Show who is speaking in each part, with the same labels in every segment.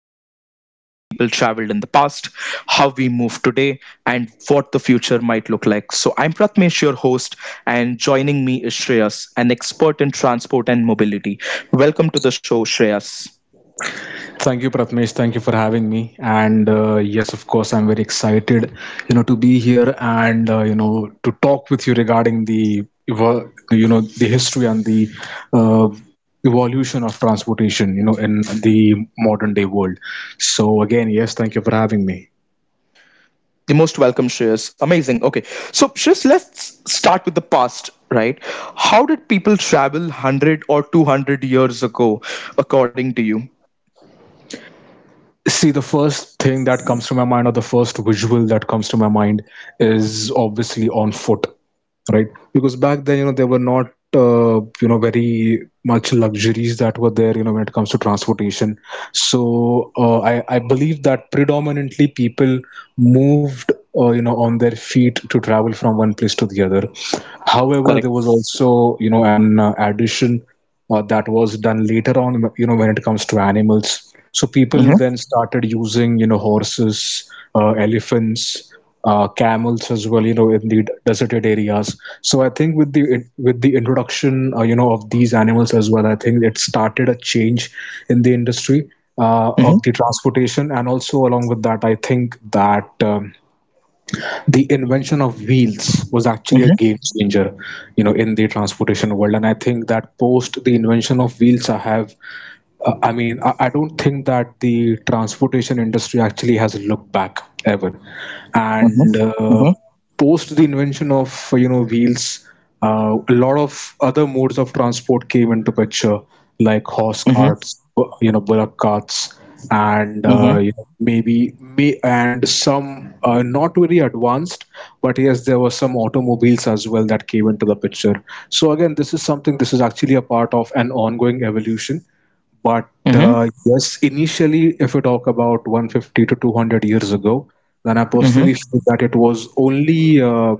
Speaker 1: About transport, how people traveled in the past, how we move today, and what the future might look like. So I'm Pratmesh, your host, and joining me is Shreyas, an expert in transport and mobility. Welcome to the show, Shreyas.
Speaker 2: Thank you, Pratmesh. Thank you for having me. And yes, of course, I'm very excited, to be here and to talk with you regarding the history and the uh, evolution of transportation, in the modern day world. So again, yes, thank you for having me.
Speaker 1: The most welcome, Shreyas. Amazing. Okay, so Shreyas, let's start with the past, right? How did people travel 100 or 200 years ago, according to you?
Speaker 2: See, the first thing that comes to my mind, or the first visual that comes to my mind, is obviously on foot,
Speaker 1: Mm-hmm.
Speaker 2: right? Because back then,
Speaker 1: Mm-hmm.
Speaker 2: there were not, very much luxuries that were there, when it comes to transportation. So I believe that predominantly people moved, on their feet to travel from one place to the other. However,
Speaker 1: Correct.
Speaker 2: there was also, an addition that was done later on, when it comes to animals. So people
Speaker 1: Mm-hmm.
Speaker 2: then started using, horses, elephants, camels as well, in the deserted areas. So I think with the introduction, of these animals as well, I think it started a change in the industry
Speaker 1: Mm-hmm.
Speaker 2: of the transportation. And also, along with that, I think that the invention of wheels was actually a game
Speaker 1: Mm-hmm.
Speaker 2: changer, in the transportation world. And I think that, post the invention of wheels, I mean, I don't think that the transportation industry actually has looked back ever. And
Speaker 1: Mm-hmm.
Speaker 2: post the invention of wheels, a lot of other modes of transport came into picture, like horse
Speaker 1: Mm-hmm.
Speaker 2: carts, bullock carts, and
Speaker 1: Mm-hmm.
Speaker 2: maybe may and some, not very advanced, but yes, there were some automobiles as well that came into the picture. So again, this is something. This is actually a part of an ongoing evolution, but
Speaker 1: Mm-hmm.
Speaker 2: yes, initially, if you talk about 150 to 200 years ago, then I personally
Speaker 1: Mm-hmm.
Speaker 2: feel that it was only uh,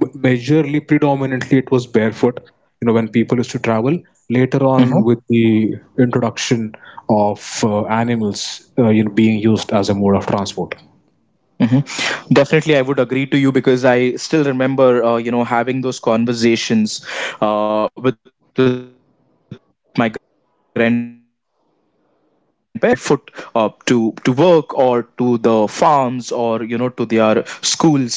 Speaker 2: m- majorly, predominantly, it was barefoot. When people used to travel. Later
Speaker 1: Mm-hmm.
Speaker 2: on, with the introduction of animals, being used as a mode of transport.
Speaker 1: Mm-hmm. Definitely, I would agree to you because I still remember, having those conversations, with my grandparents or my great grandparents, that how they used to travel by foot, to work or to the farms, or to their schools.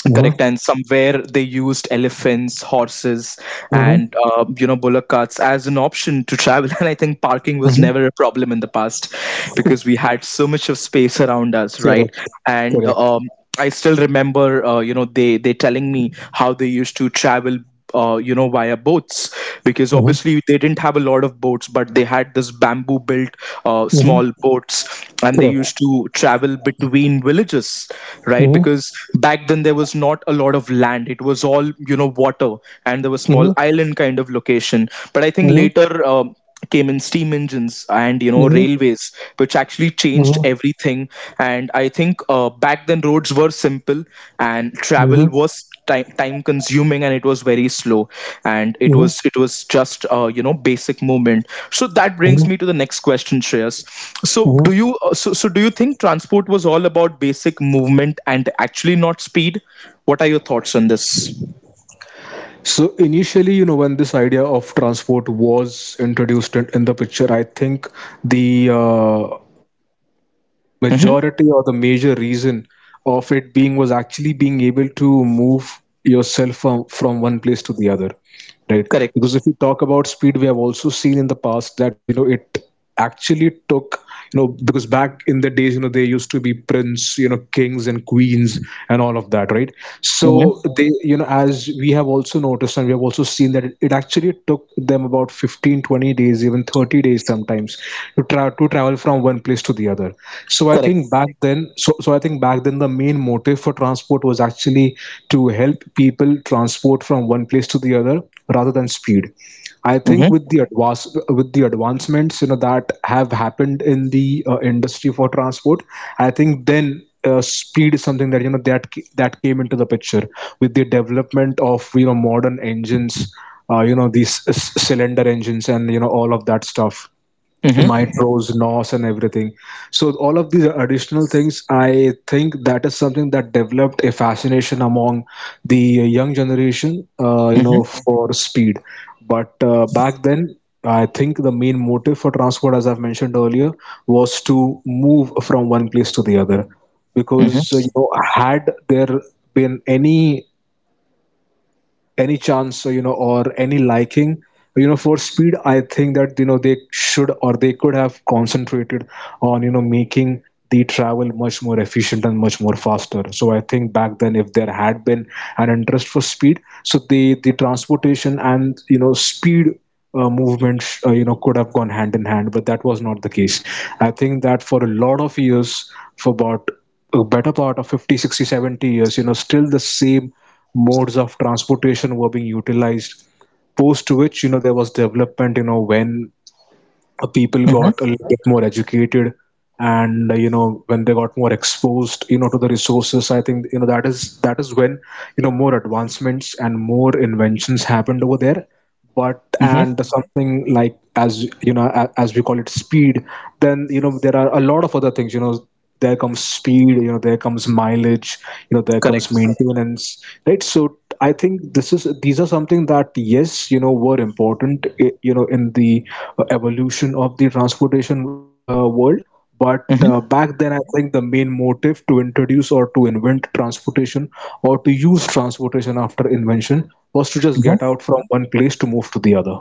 Speaker 1: Correct.
Speaker 2: Mm-hmm.
Speaker 1: And somewhere they used elephants, horses, and,
Speaker 2: Mm-hmm.
Speaker 1: bullock carts as an option to travel. And I think parking was
Speaker 2: Mm-hmm.
Speaker 1: never a problem in the past, because we had so much of space around us, right?
Speaker 2: Correct.
Speaker 1: And,
Speaker 2: Correct.
Speaker 1: I still remember, they telling me how they used to travel, via boats. Because
Speaker 2: Mm-hmm.
Speaker 1: obviously they didn't have a lot of boats, but they had this bamboo built, small
Speaker 2: Mm-hmm.
Speaker 1: boats, and they used
Speaker 2: Correct.
Speaker 1: to travel between villages, right?
Speaker 2: Mm-hmm.
Speaker 1: Because back then there was not a lot of land, it was all, water, and there was
Speaker 2: Mm-hmm.
Speaker 1: small island kind of location. But I think later, came in steam engines and
Speaker 2: Mm-hmm.
Speaker 1: railways, which actually changed
Speaker 2: Mm-hmm.
Speaker 1: everything. And I think, back then roads were simple, and
Speaker 2: Mm-hmm.
Speaker 1: travel was time consuming, and it was very slow. And
Speaker 2: Mm-hmm.
Speaker 1: it was just, basic movement. So that
Speaker 2: Mm-hmm.
Speaker 1: brings me to the next question, Shreyas. So
Speaker 2: Mm-hmm.
Speaker 1: do you, so do you think transport was all about basic movement and actually not speed? What are your thoughts on this?
Speaker 2: So initially, when this idea of transport was introduced in the picture, I think the
Speaker 1: Mm-hmm.
Speaker 2: majority, or the major reason of it being, was actually being able to move yourself from one place to the other, right? Because
Speaker 1: Correct.
Speaker 2: if you talk about speed, we have also seen in the past that, it actually took, because back in the days, they used to be prince, kings and queens and all of that, right? So,
Speaker 1: Mm-hmm.
Speaker 2: they you know as we have also noticed and we have also seen that it actually took them about 15 20 days, even 30 days sometimes, to travel from one place to the other. So I
Speaker 1: Correct.
Speaker 2: think back then, the main motive for transport was actually to help people transport from one place to the other, rather than speed. I think,
Speaker 1: Mm-hmm.
Speaker 2: with the advancements, that have happened in the industry for transport. I think then, speed is something that you know that ca- that came into the picture with the development of, modern engines, these cylinder engines and, all of that stuff,
Speaker 1: Mm-hmm.
Speaker 2: nitros, nos and everything. So all of these additional things, I think that is something that developed a fascination among the young generation,
Speaker 1: Mm-hmm.
Speaker 2: for speed. But back then, I think the main motive for transport, as I've mentioned earlier, was to move from one place to the other.
Speaker 1: Mm-hmm.
Speaker 2: Because, had there been any chance, or any liking, for speed, I think that, they should, or they could have concentrated on, making the travel much more efficient and much more faster. So I think back then, if there had been an interest for speed, so the transportation and, speed movement, could have gone hand in hand, but that was not the case. I think that for a lot of years, for about a better part of 50 60 70 years, still the same modes of transportation were being utilized. Post which, there was development, when people got a
Speaker 1: Mm-hmm.
Speaker 2: little bit more educated, and when they got more exposed, to the resources. I think, that is when, more advancements and more inventions happened over there. but
Speaker 1: Mm-hmm.
Speaker 2: and something like, as as we call it, speed. Then, there are a lot of other things. There comes speed, there comes mileage, there comes
Speaker 1: Correct.
Speaker 2: maintenance, right? So I think this is these are something that, yes, were important, in the evolution of the transportation world. But
Speaker 1: Mm-hmm.
Speaker 2: back then, I think the main motive to introduce or to invent transportation, or to use transportation after invention, was to just get out
Speaker 1: Mm-hmm.
Speaker 2: from one place to move to the other.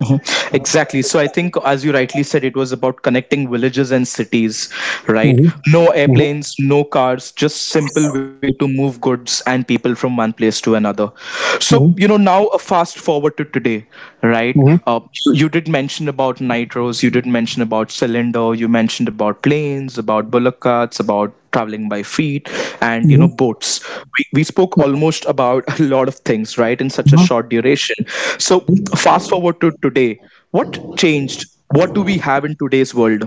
Speaker 1: Mhm. Exactly. So I think, as you rightly said, it was about connecting villages and cities, right?
Speaker 2: Mm-hmm.
Speaker 1: No
Speaker 2: Mm-hmm.
Speaker 1: airplanes, no cars, just simple way to move goods and people from one place to another. So, now a fast forward to today, right?
Speaker 2: Hmm.
Speaker 1: Uh, you did mention about nitros, you did mention about cylinder, you mentioned about planes, about bullock carts, about traveling by feet and
Speaker 2: Hmm.
Speaker 1: boats. We we spoke almost about a lot of things, right, in such a
Speaker 2: Hmm.
Speaker 1: short duration. So fast forward to today. What changed? What do we have in today's world?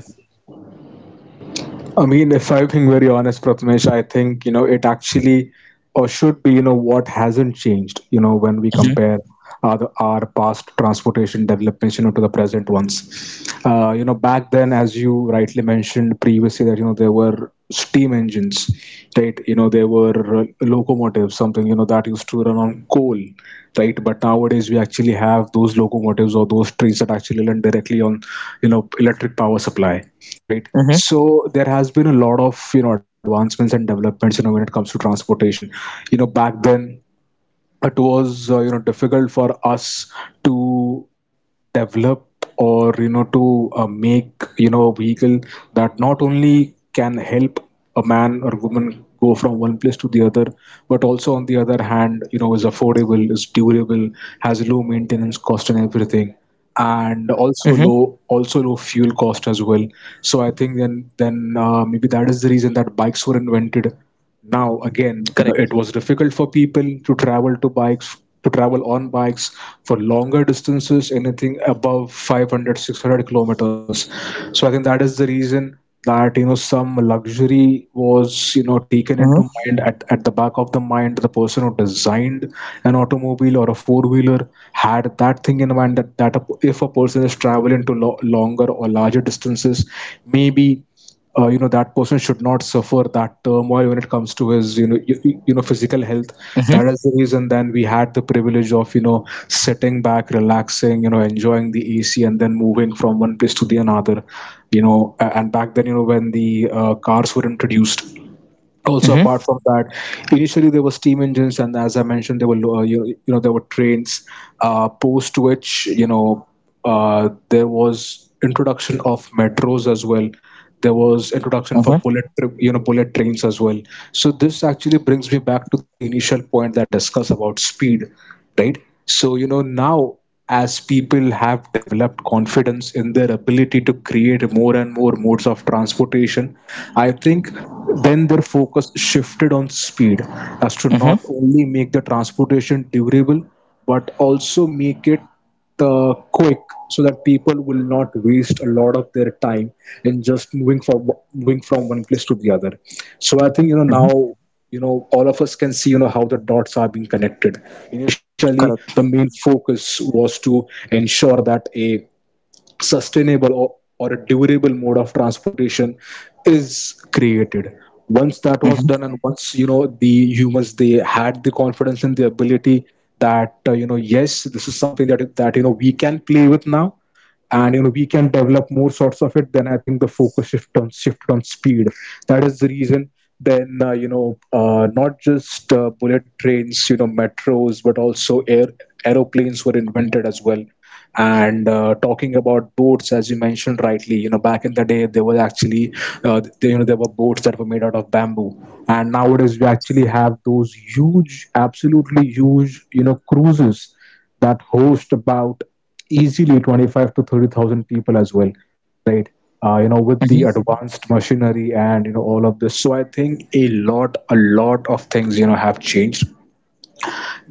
Speaker 2: I mean, if I'm being very honest, Prathamesh, I think, it actually, or should be, what hasn't changed, when we compare our past transportation developments, to the present ones. Back then, as you rightly mentioned previously, that, there were steam engines, right? There were locomotives, something, that used to run on coal, right? But nowadays, we actually have those locomotives or those trains that actually run directly on, electric power supply, right?
Speaker 1: Mm-hmm.
Speaker 2: So there has been a lot of, advancements and developments, when it comes to transportation. Back then, it was difficult for us to develop, or, to make, a vehicle that not only can help a man or woman go from one place to the other, but also, on the other hand, is affordable, is durable, has low maintenance cost and everything,
Speaker 1: Mm-hmm.
Speaker 2: and also low fuel cost as well. So I think then maybe that is the reason that bikes were invented. Now
Speaker 1: Correct.
Speaker 2: again, it was difficult for people to travel on bikes for longer distances, anything above 500, 600 kilometers. So I think that is the reason that, some luxury was,
Speaker 1: Mm-hmm.
Speaker 2: taken into mind, at the back of the mind. The person who designed an automobile or a four-wheeler had that thing in mind, if a person is traveling to longer or larger distances, maybe, that person should not suffer that turmoil when it comes to his, physical health. That is the reason then we had the privilege of, sitting back, relaxing, enjoying the AC, and then moving from one place to the another. And back then, you know when the cars were introduced, also
Speaker 1: Mm-hmm.
Speaker 2: apart from that, initially there were steam engines, and as I mentioned, there were there were trains. Post which, there was introduction of metros as well. There was
Speaker 1: Mm-hmm. Mm-hmm.
Speaker 2: introduction for bullet tr- you know bullet trains as well. So this actually brings me back to the initial point that we discussed about speed, right? So, now, as people have developed confidence in their ability to create more and more modes of transportation, I think then their focus shifted on speed, as to
Speaker 1: Mm-hmm.
Speaker 2: not only make the transportation durable, but also make it quick, so that people will not waste a lot of their time in just moving from one place to the other. So I think,
Speaker 1: Mm-hmm.
Speaker 2: now, all of us can see, how the dots are being connected. Initially the
Speaker 1: Correct.
Speaker 2: main focus was to ensure that a sustainable, or a durable mode of transportation is created. Once that was
Speaker 1: Mm-hmm.
Speaker 2: done, and once, the humans, they had the confidence and the ability that, yes, this is something that we can play with now. And we can develop more sorts of it. Then I think the focus shift on speed. That is the reason then, not just, bullet trains, metros, but also air aeroplanes were invented as well. And talking about boats, as you mentioned rightly, back in the day there was actually they, you know there were boats that were made out of bamboo. And nowadays we actually have those huge, absolutely huge, cruises that host about easily 25 to 30,000 people as well, right? With the
Speaker 1: Mm-hmm.
Speaker 2: advanced machinery and all of this. So I think a lot of things have changed.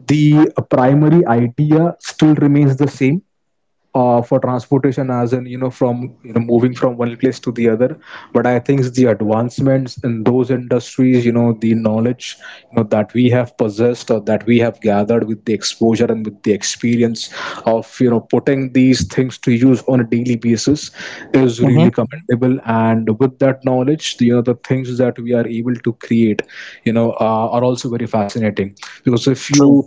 Speaker 2: The primary idea still remains the same for transportation, as in from moving from one place to the other. But I think the advancements in those industries, the knowledge that we have possessed, or that we have gathered with the exposure and with the experience of putting these things to use on a daily basis, is
Speaker 1: Mm-hmm.
Speaker 2: really commendable. And with that knowledge, the things that we are able to create, are also very fascinating. because if
Speaker 1: True.
Speaker 2: you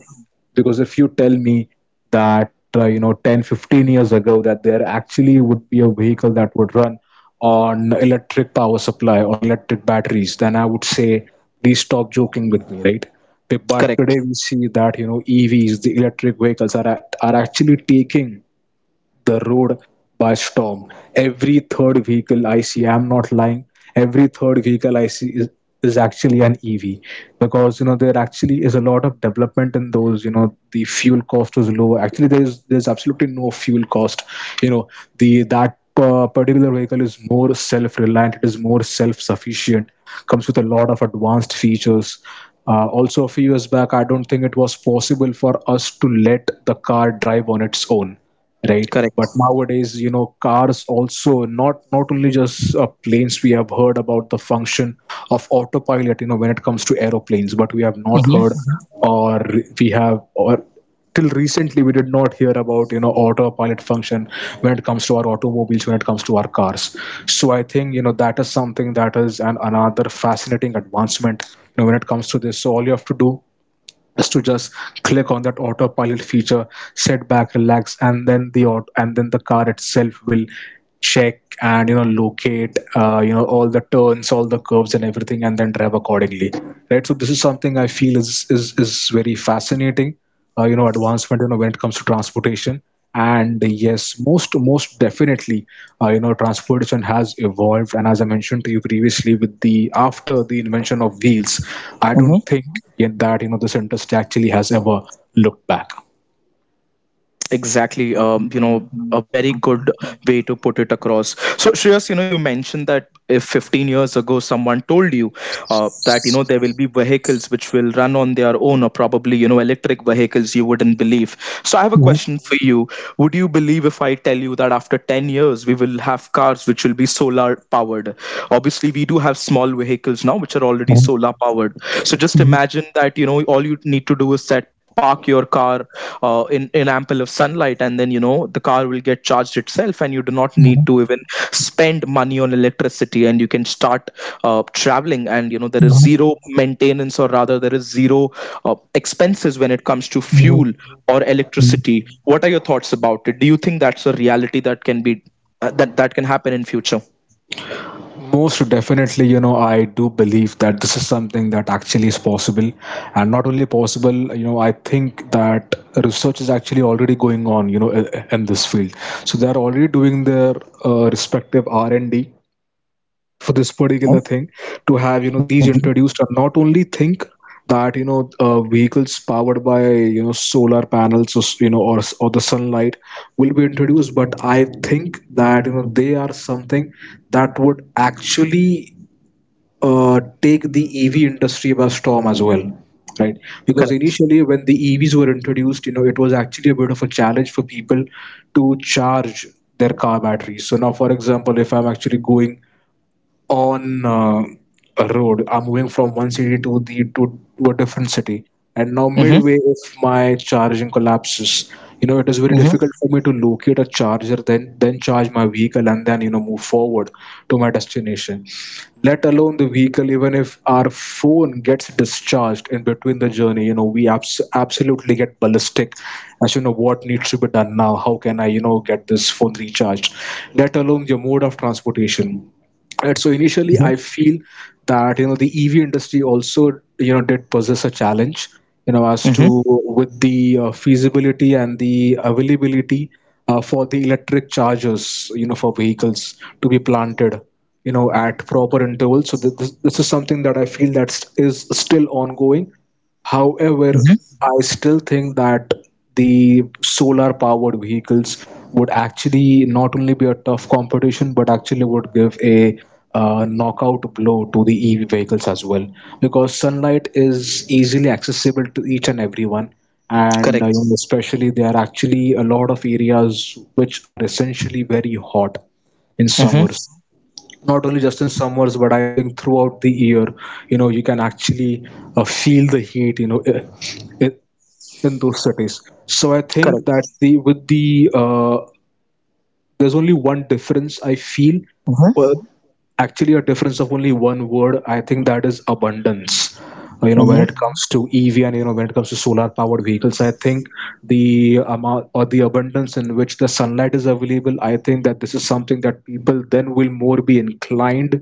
Speaker 2: because if you tell me that 10 15 years ago that there actually would be a vehicle that would run on electric power supply or electric batteries, then I would say please stop joking with me, right? But today
Speaker 1: Correct.
Speaker 2: we see that EVs, the electric vehicles, are actually taking the road by storm. Every third vehicle I see, I'm not lying, every third vehicle I see is actually an EV, because there actually is a lot of development in those. You know the fuel cost is low. Actually, there's absolutely no fuel cost. You know the That particular vehicle is more self-reliant. It is more self-sufficient. Comes with a lot of advanced features. Also, a few years back, I don't think it was possible for us to let the car drive on its own, right?
Speaker 1: Correct.
Speaker 2: But nowadays, cars also, not only just planes. We have heard about the function of autopilot, when it comes to aeroplanes, but we have not heard or we have or till recently we did not hear about autopilot function when it comes to our automobiles, when it comes to our cars. So I think, that is something that is an another fascinating advancement, when it comes to this. So all you have to do is to just click on that autopilot feature, sit back, relax, and and then the car itself will check and locate all the turns, all the curves, and everything, and then drive accordingly. Right. So this is something I feel is very fascinating advancement, when it comes to transportation. And yes, most definitely, transportation has evolved, and as I mentioned to you previously, with the after the invention of wheels, I don't
Speaker 1: Mm-hmm.
Speaker 2: think yet that this industry actually has ever looked
Speaker 1: Exactly. A very good way to put it across. So, Shreyas, you mentioned that if 15 years ago someone told you, that, there will be vehicles which will run on their own, or probably, electric vehicles, you wouldn't believe. So I have a question for you. Would you believe if I tell you that after 10 years we will have cars which will be solar powered? Obviously, we do have small vehicles now which are already solar powered. So, just
Speaker 2: back.
Speaker 1: imagine that, all you need to do is set park your car, in ample of sunlight, and then, the car will get charged itself, and you do not need to even spend money on electricity, and you can start, traveling. And, there is zero maintenance, or rather there is zero, uh, expenses when it comes to fuel or electricity. What are your thoughts about it? Do you think that's a reality that can be, that can happen in future?
Speaker 2: Most definitely, I do believe that this is something that actually is possible. And not only possible, I think that research is actually already going on, in this field. So they are already doing their respective R&D for this
Speaker 1: Mhm.
Speaker 2: particular thing, to have
Speaker 1: Mhm.
Speaker 2: these introduced. And not only think that vehicles powered by solar panels or s- you know or, s- or the sunlight will be introduced, but I think that they are something that would actually take the EV industry by storm as well, right? Because
Speaker 1: Correct.
Speaker 2: initially when the EVs were introduced, it was actually a bit of a challenge for people to charge their car batteries. So now, for example, if I'm actually going on a road, I'm moving from one city to a different city, and now
Speaker 1: Mm-hmm.
Speaker 2: midway if my charging collapses, it is very difficult for me to locate a charger, then charge my vehicle and then move forward to my destination. Let alone the vehicle, even if our phone gets discharged in between the journey, we absolutely get ballistic as what needs to be done now, how can I get this phone recharged, let alone your mode of transportation. And so initially, I
Speaker 1: Mm-hmm.
Speaker 2: feel that the EV industry also, did possess a challenge, you know, as
Speaker 1: Mm-hmm.
Speaker 2: to with the feasibility and the availability for the electric chargers, you know, for vehicles to be planted, you know, at proper intervals. So this is something that I feel that is still ongoing. However,
Speaker 1: Mm-hmm.
Speaker 2: I still think that the solar powered vehicles would actually not only be a tough competition, but actually would give a knockout blow to the EV vehicles as well. Because sunlight is easily accessible to each and everyone, and
Speaker 1: Correct.
Speaker 2: especially there are actually a lot of areas which are essentially very hot in
Speaker 1: Mm-hmm.
Speaker 2: summers. Not only just in summers, but I think throughout the year, you can actually feel the heat, in those cities. So I think that
Speaker 1: Correct.
Speaker 2: the with the there's only one difference I feel.
Speaker 1: Hmm.
Speaker 2: Well, actually a difference of only one word, I think, that is abundance.
Speaker 1: Hmm.
Speaker 2: When it comes to EV and when it comes to solar powered vehicles, I think the amount or the abundance in which the sunlight is available, I think that this is something that people then will more be inclined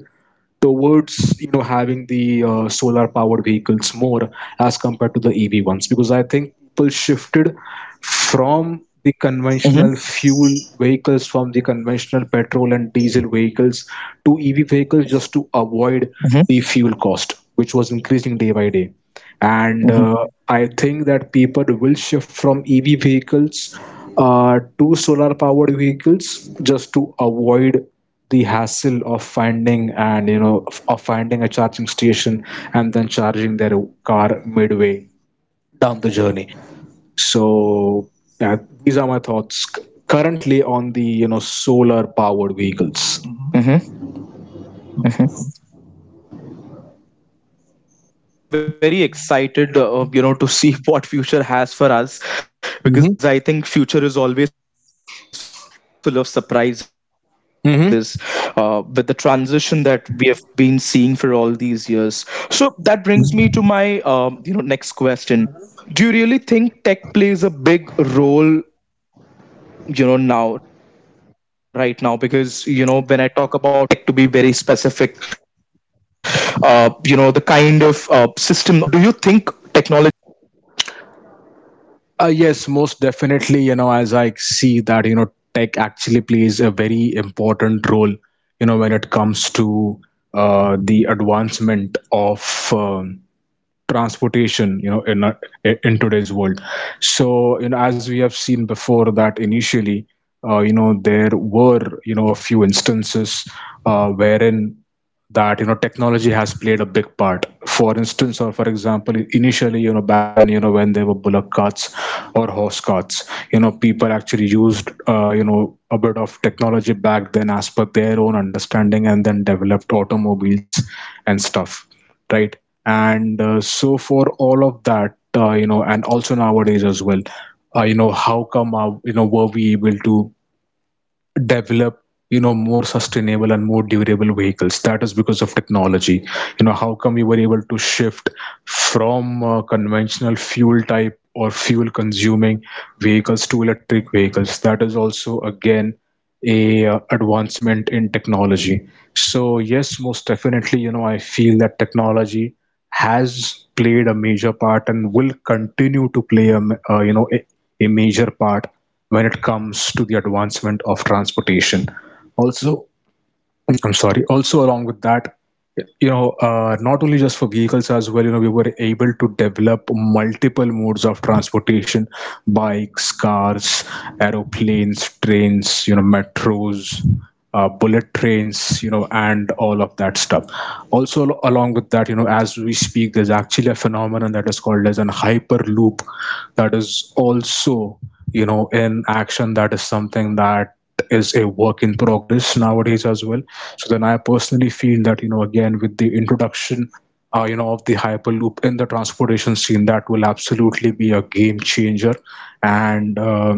Speaker 2: towards, having the solar powered vehicles more as compared to the EV ones. Because I think people shifted
Speaker 1: Hmm.
Speaker 2: from the conventional fuel vehicles, from the conventional petrol and diesel vehicles, to EV vehicles just to
Speaker 1: Hmm.
Speaker 2: avoid the fuel cost which was increasing day by day. and
Speaker 1: Hmm.
Speaker 2: uh, I think that people will shift from EV vehicles to solar powered vehicles just to avoid the hassle of finding and of finding a charging station and then charging their car midway down the
Speaker 1: Hmm.
Speaker 2: journey.
Speaker 1: Hmm.
Speaker 2: So yeah, these are my thoughts currently on the solar powered vehicles.
Speaker 1: So definitely, I'm very excited, to see what future has for us, because I think future is always full of surprises, with the transition
Speaker 2: Hmm.
Speaker 1: that we have been seeing for all these years. So that brings me to my, next question. Do you really think tech plays a big role, now, right now, because when I...
Speaker 2: Yes, most definitely. You know, as I see that, you know, tech actually plays a very important role, you know, when it comes to the advancement of transportation, you know, in today's world. So, you know, as we have seen before, that initially, there were, you know, a few instances wherein that technology has played a big part. For instance, or for example, initially, back then, when there were bullock carts or horse carts, people actually used a bit of technology back then as per their own understanding, and then developed automobiles and stuff, right? And so for all of that, and also nowadays as well, how come were we able to develop more sustainable and more durable vehicles? That is because of technology. You know how come we were able to shift from conventional fuel type or fuel consuming vehicles to electric vehicles? That is also again a advancement in technology. So yes, most definitely, you know, I feel that technology has played a major part and will continue to play a, ma- you know, a major part when it comes to the advancement of transportation. Also, I'm sorry. Also, along with that, you know, not only just for vehicles as well, you know, we were able to develop multiple modes of transportation: bikes, cars, aeroplanes, trains, you know, metros, bullet trains, you know, and all of that stuff. Also, along with that, you know, as we speak, there's actually a phenomenon that is called as an hyperloop, that is also in action, that is something that is a work in progress nowadays as well. So then I personally feel that again with the introduction of the hyperloop in the transportation scene, that will absolutely be a game changer. And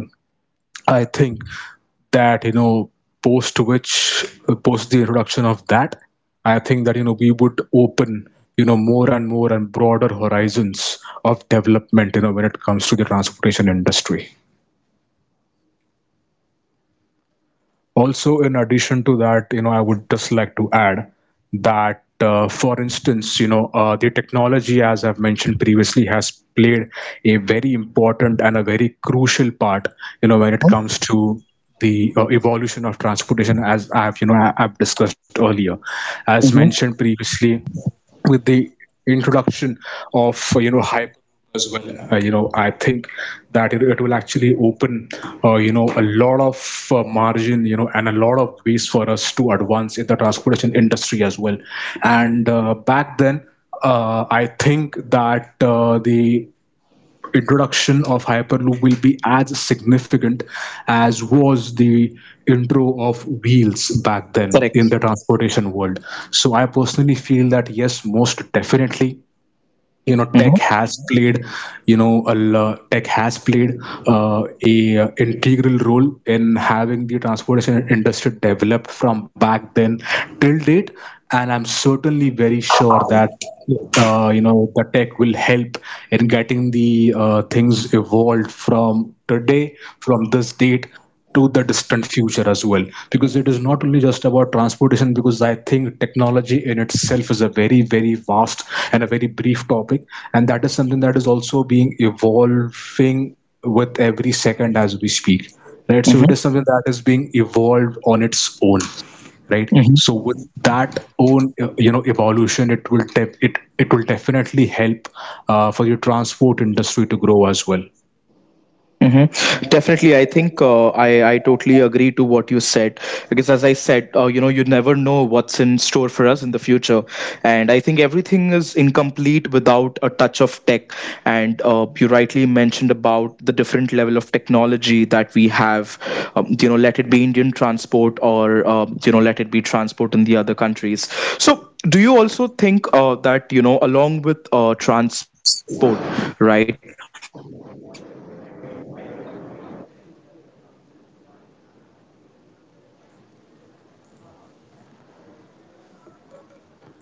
Speaker 2: I think that post the introduction of that, I think that we would open more and more and broader horizons of development, when it comes to the transportation industry. Also, in addition to that, you know, I would just like to add that, for instance, you know, the technology, as I've mentioned previously, has played a very important and a very crucial part, you know, when it
Speaker 1: Mhm.
Speaker 2: comes to the evolution of transportation, as I've, I've discussed earlier. As
Speaker 1: Mhm.
Speaker 2: mentioned previously, with the introduction of hyper as well, I think that it will actually open a lot of margin, and a lot of ways for us to advance in the transportation industry as well. And back then, I think that the introduction of Hyperloop will be as significant as was the intro of wheels back then
Speaker 1: Correct.
Speaker 2: in the transportation world. So I personally feel that yes, most definitely,
Speaker 1: Mhm.
Speaker 2: tech has played, tech has played uh, a integral role in having the transportation industry developed from back then till date, and I'm certainly very sure that the tech will help in getting the things evolved from today, from this date to the distant future as well, because it is not only just about transportation. Because I think technology in itself is a very, very vast and a very brief topic, and that is something that is also being evolving with every second as we speak, right?
Speaker 1: Mhm.
Speaker 2: So it is something that is being evolved on its own. Right,
Speaker 1: Mhm.
Speaker 2: so with that own evolution, it will it, it will definitely help for your transport industry to grow as well.
Speaker 1: Hmm. Definitely, I think, I totally agree to what you said, because as I said, you never know what's in store for us in the future, and I think everything is incomplete without a touch of tech. And, you rightly mentioned about the different level of technology that we have. Let it be Indian transport, or, let it be transport in the other countries. So do you also think, that, along with, transport, right, investment in the infra is very important, because yes, you might have hyperloop, yes, you might have, speed trains, yes, you might have bullet trains,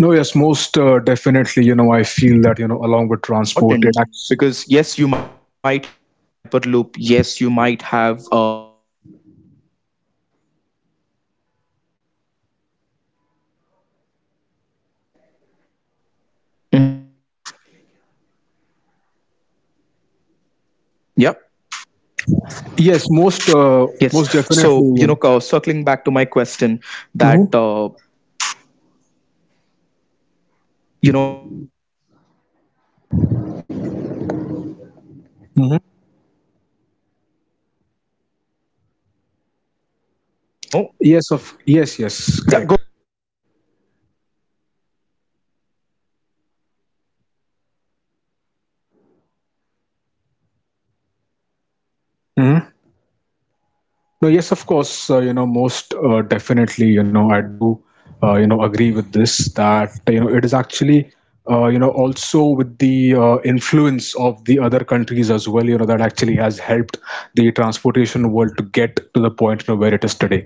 Speaker 2: No, yes, most definitely. You know, I feel that, you know, along with transport, it acts.
Speaker 1: you will have, mhm. Mhm. Yep.
Speaker 2: Yes, most,
Speaker 1: Yes.
Speaker 2: most
Speaker 1: So,
Speaker 2: definitely. You
Speaker 1: circling back to my question, that,
Speaker 2: know.
Speaker 1: you know
Speaker 2: Hmm.
Speaker 1: yeah, go ahead.
Speaker 2: Yes, of yes, yes, correct. No, yes, of course, most definitely, you know, I do, agree with this, that, you know, it is actually, also with the influence of the other countries as well, you know, that actually has helped the transportation world to get to the point, you know, where it is today,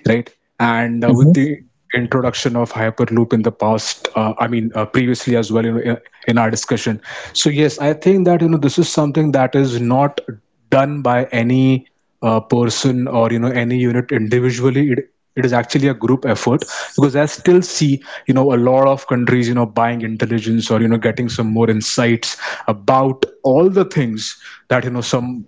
Speaker 2: right? And with
Speaker 1: Mhm.
Speaker 2: the introduction of hyperloop in the past, I mean, previously as well, you know, in our discussion. So yes, I think that, you know, this is something that is not done by any person or, you know, any unit individually. It is actually a group effort, because I still see, you know, a lot of countries, you know, buying intelligence or, you know, getting some more insights about all the things that, you know, some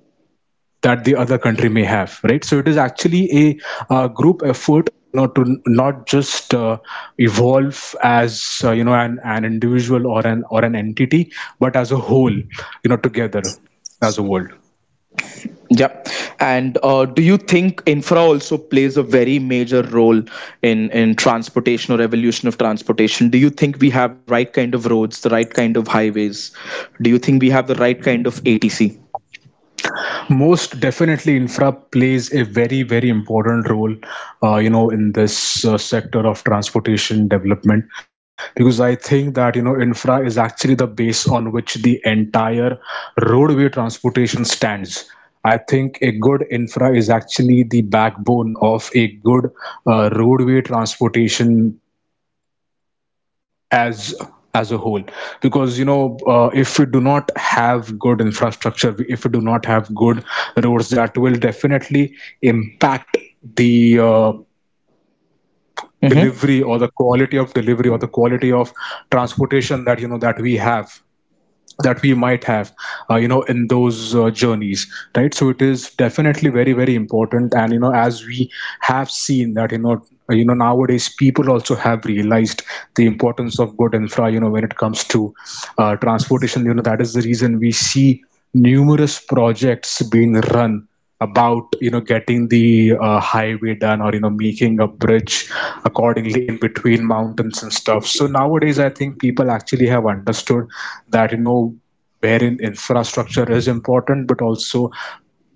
Speaker 2: that the other country may have, right? So it is actually a, group effort, you know, to not just evolve as an individual or an entity, but as a whole, you know, together, as a world.
Speaker 1: Yeah. And, do you think infra also plays a very major role in transportation or evolution of transportation? Do you think we have the right kind of roads, the right kind of highways? Do you think we have the right kind of ATC?
Speaker 2: Most definitely, infra plays a very, very important role, you know, in this sector of transportation development, because I think that, you know, infra is actually the base on which the entire roadway transportation stands. I think a good infra is actually the backbone of a good roadway transportation as as a whole.
Speaker 1: Mm-hmm.
Speaker 2: Because, you know, if we do not have good infrastructure, if we do not have good roads, that will definitely impact the delivery or
Speaker 1: Mm-hmm.
Speaker 2: the quality of delivery or the quality of transportation that, you know, that we have, that we might have in those journeys, right? So it is definitely very, very important. And, you know, as we have seen that, you know, nowadays people also have realized the importance of good infra, you know, when it comes to transportation. You know, that is the reason we see numerous projects being run about, you know, getting the highway done or, you know, making a bridge accordingly in between mountains and stuff. So nowadays I think people actually have understood that, you know, wherein infrastructure is important, but also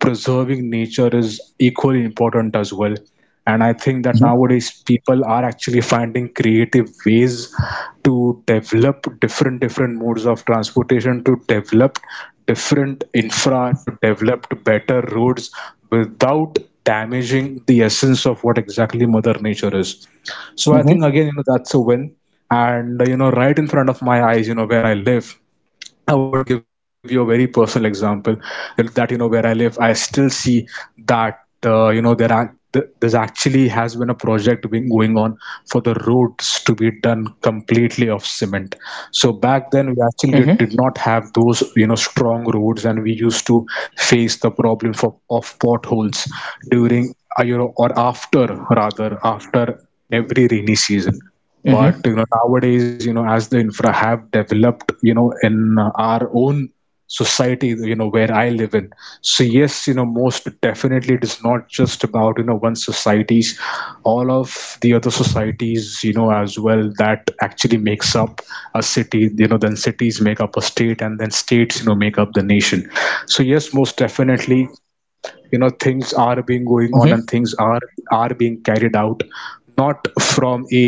Speaker 2: preserving nature is equally important as well. And I think that nowadays people are actually finding creative ways to develop different different modes of transportation, to develop different infra, to develop better roads without damaging the essence of what exactly mother nature is. So I think
Speaker 1: Mm-hmm.
Speaker 2: again, you know, that's a win. And right in front of my eyes, you know, where I live, I would give you a very personal example that, that, you know, where I live, I still see that there are there's actually has been a project being going on for the roads to be done completely of cement.
Speaker 1: Mm-hmm.
Speaker 2: So back then we actually did not have those, you know, strong roads, and we used to face the problem for, of potholes during, or after, rather after every rainy season. But,
Speaker 1: Mm-hmm.
Speaker 2: you know, nowadays, you know, as the infra have developed, you know, in our own society, you know, where I live in. So yes, you know, most definitely, it is not just about, you know, one societies, all of the other societies, you know, as well that actually makes up a city. You know, then cities make up a state, and then states, you know, make up the nation. So yes, most definitely, you know, things are being going on, and things are being carried out not from a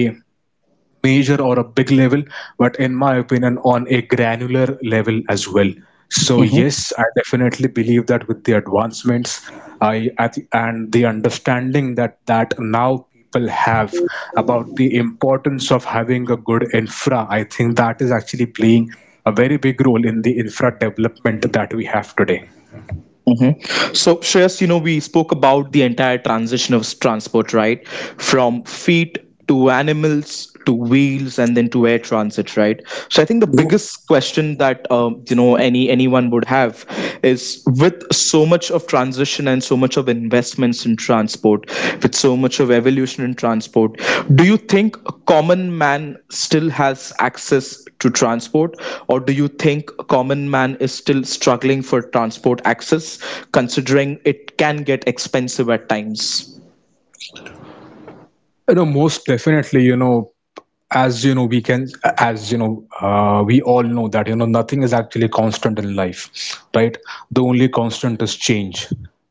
Speaker 2: major or a big level, but in my opinion, on a granular level as well. So
Speaker 1: Mm-hmm.
Speaker 2: yes, I definitely believe that with the advancements, and the understanding that that now people have about the importance of having a good infra, I think that is actually playing a very big role in the infra development that we have today.
Speaker 1: Hmm. So, Shreyas, we spoke about the entire transition of transport, right? From feet to animals to wheels and then to air transit, right? So I think the
Speaker 2: No,
Speaker 1: biggest question that, anyone would have is, with so much of transition and so much of investments in transport, with so much of evolution in transport, do you think a common man still has access to transport, or do you think a common man is still struggling for transport access, considering it can get expensive at times?
Speaker 2: most definitely, you know, as you know we can, as you know, we all know that, you know, nothing is actually constant in life, right? The only constant is change,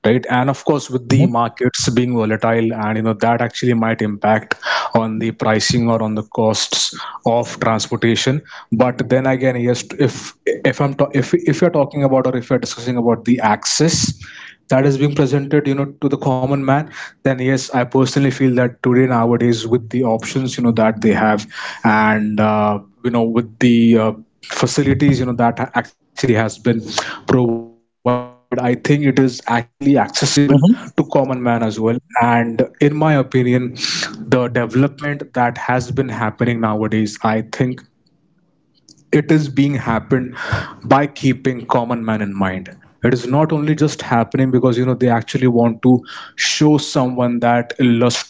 Speaker 2: right? And of course, with the
Speaker 1: Mm-hmm.
Speaker 2: markets being volatile, and, you know, that actually might impact on the pricing or on the costs of transportation. But then again, yes, if if if you're talking about or if you're discussing about the access that is being presented, you know, to the common man, then yes, I personally feel that today, nowadays, with the options, you know, that they have, and with the facilities, you know, that actually has been provided, I think it is actually accessible to common man
Speaker 1: Mhm.
Speaker 2: as well. And in my opinion, the development that has been happening nowadays, I think it is being happened by keeping common man in mind. It is not only just happening because, you know, they actually want to show someone that illustrious,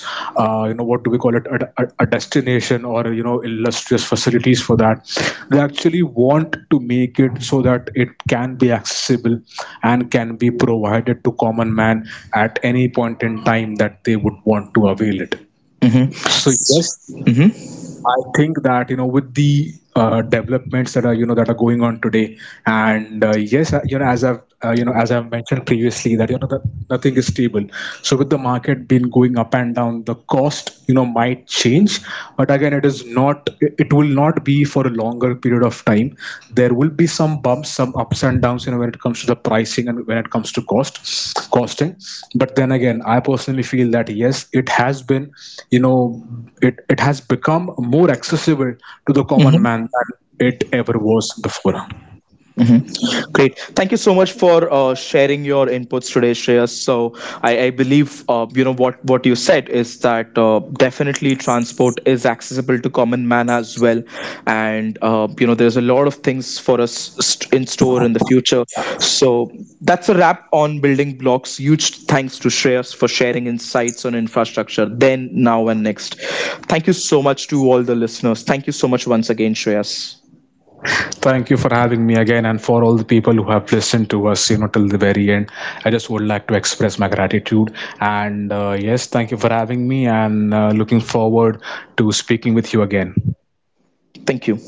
Speaker 2: what do we call it, a destination or, you know, illustrious facilities. For that, they actually want to make it so that it can be accessible and can be provided to common man at any point in time that they would want to avail it.
Speaker 1: Mhm.
Speaker 2: So yes,
Speaker 1: Mhm.
Speaker 2: I think that, you know, with the developments that are, you know, that are going on today, and yes, as I've as I've mentioned previously, that, you know, that nothing is stable. So with the market been going up and down, the cost, you know, might change, but again, it is not, it it will not be for a longer period of time. There will be some bumps, some ups and downs, you know, when it comes to the pricing and when it comes to cost costing. But then again, I personally feel that yes, it has been, you know, it has become more accessible to the common
Speaker 1: Mhm.
Speaker 2: man than it ever was before.
Speaker 1: Hmm. Great. Thank you so much for, sharing your inputs today, Shreyas. So I believe, what you said is that, definitely transport is accessible to common man as well, and, there's a lot of things for us in store in the future. So that's a wrap on building blocks. Huge thanks to Shreyas for sharing insights on infrastructure then, now, and next. Thank you so much to all the listeners. Thank you so much once again, Shreyas.
Speaker 2: Thank you for having me again, and for all the people who have listened to us, you know, till the very end, I just would like to express my gratitude. And yes, thank you for having me, and looking forward to speaking with you again.
Speaker 1: Thank you.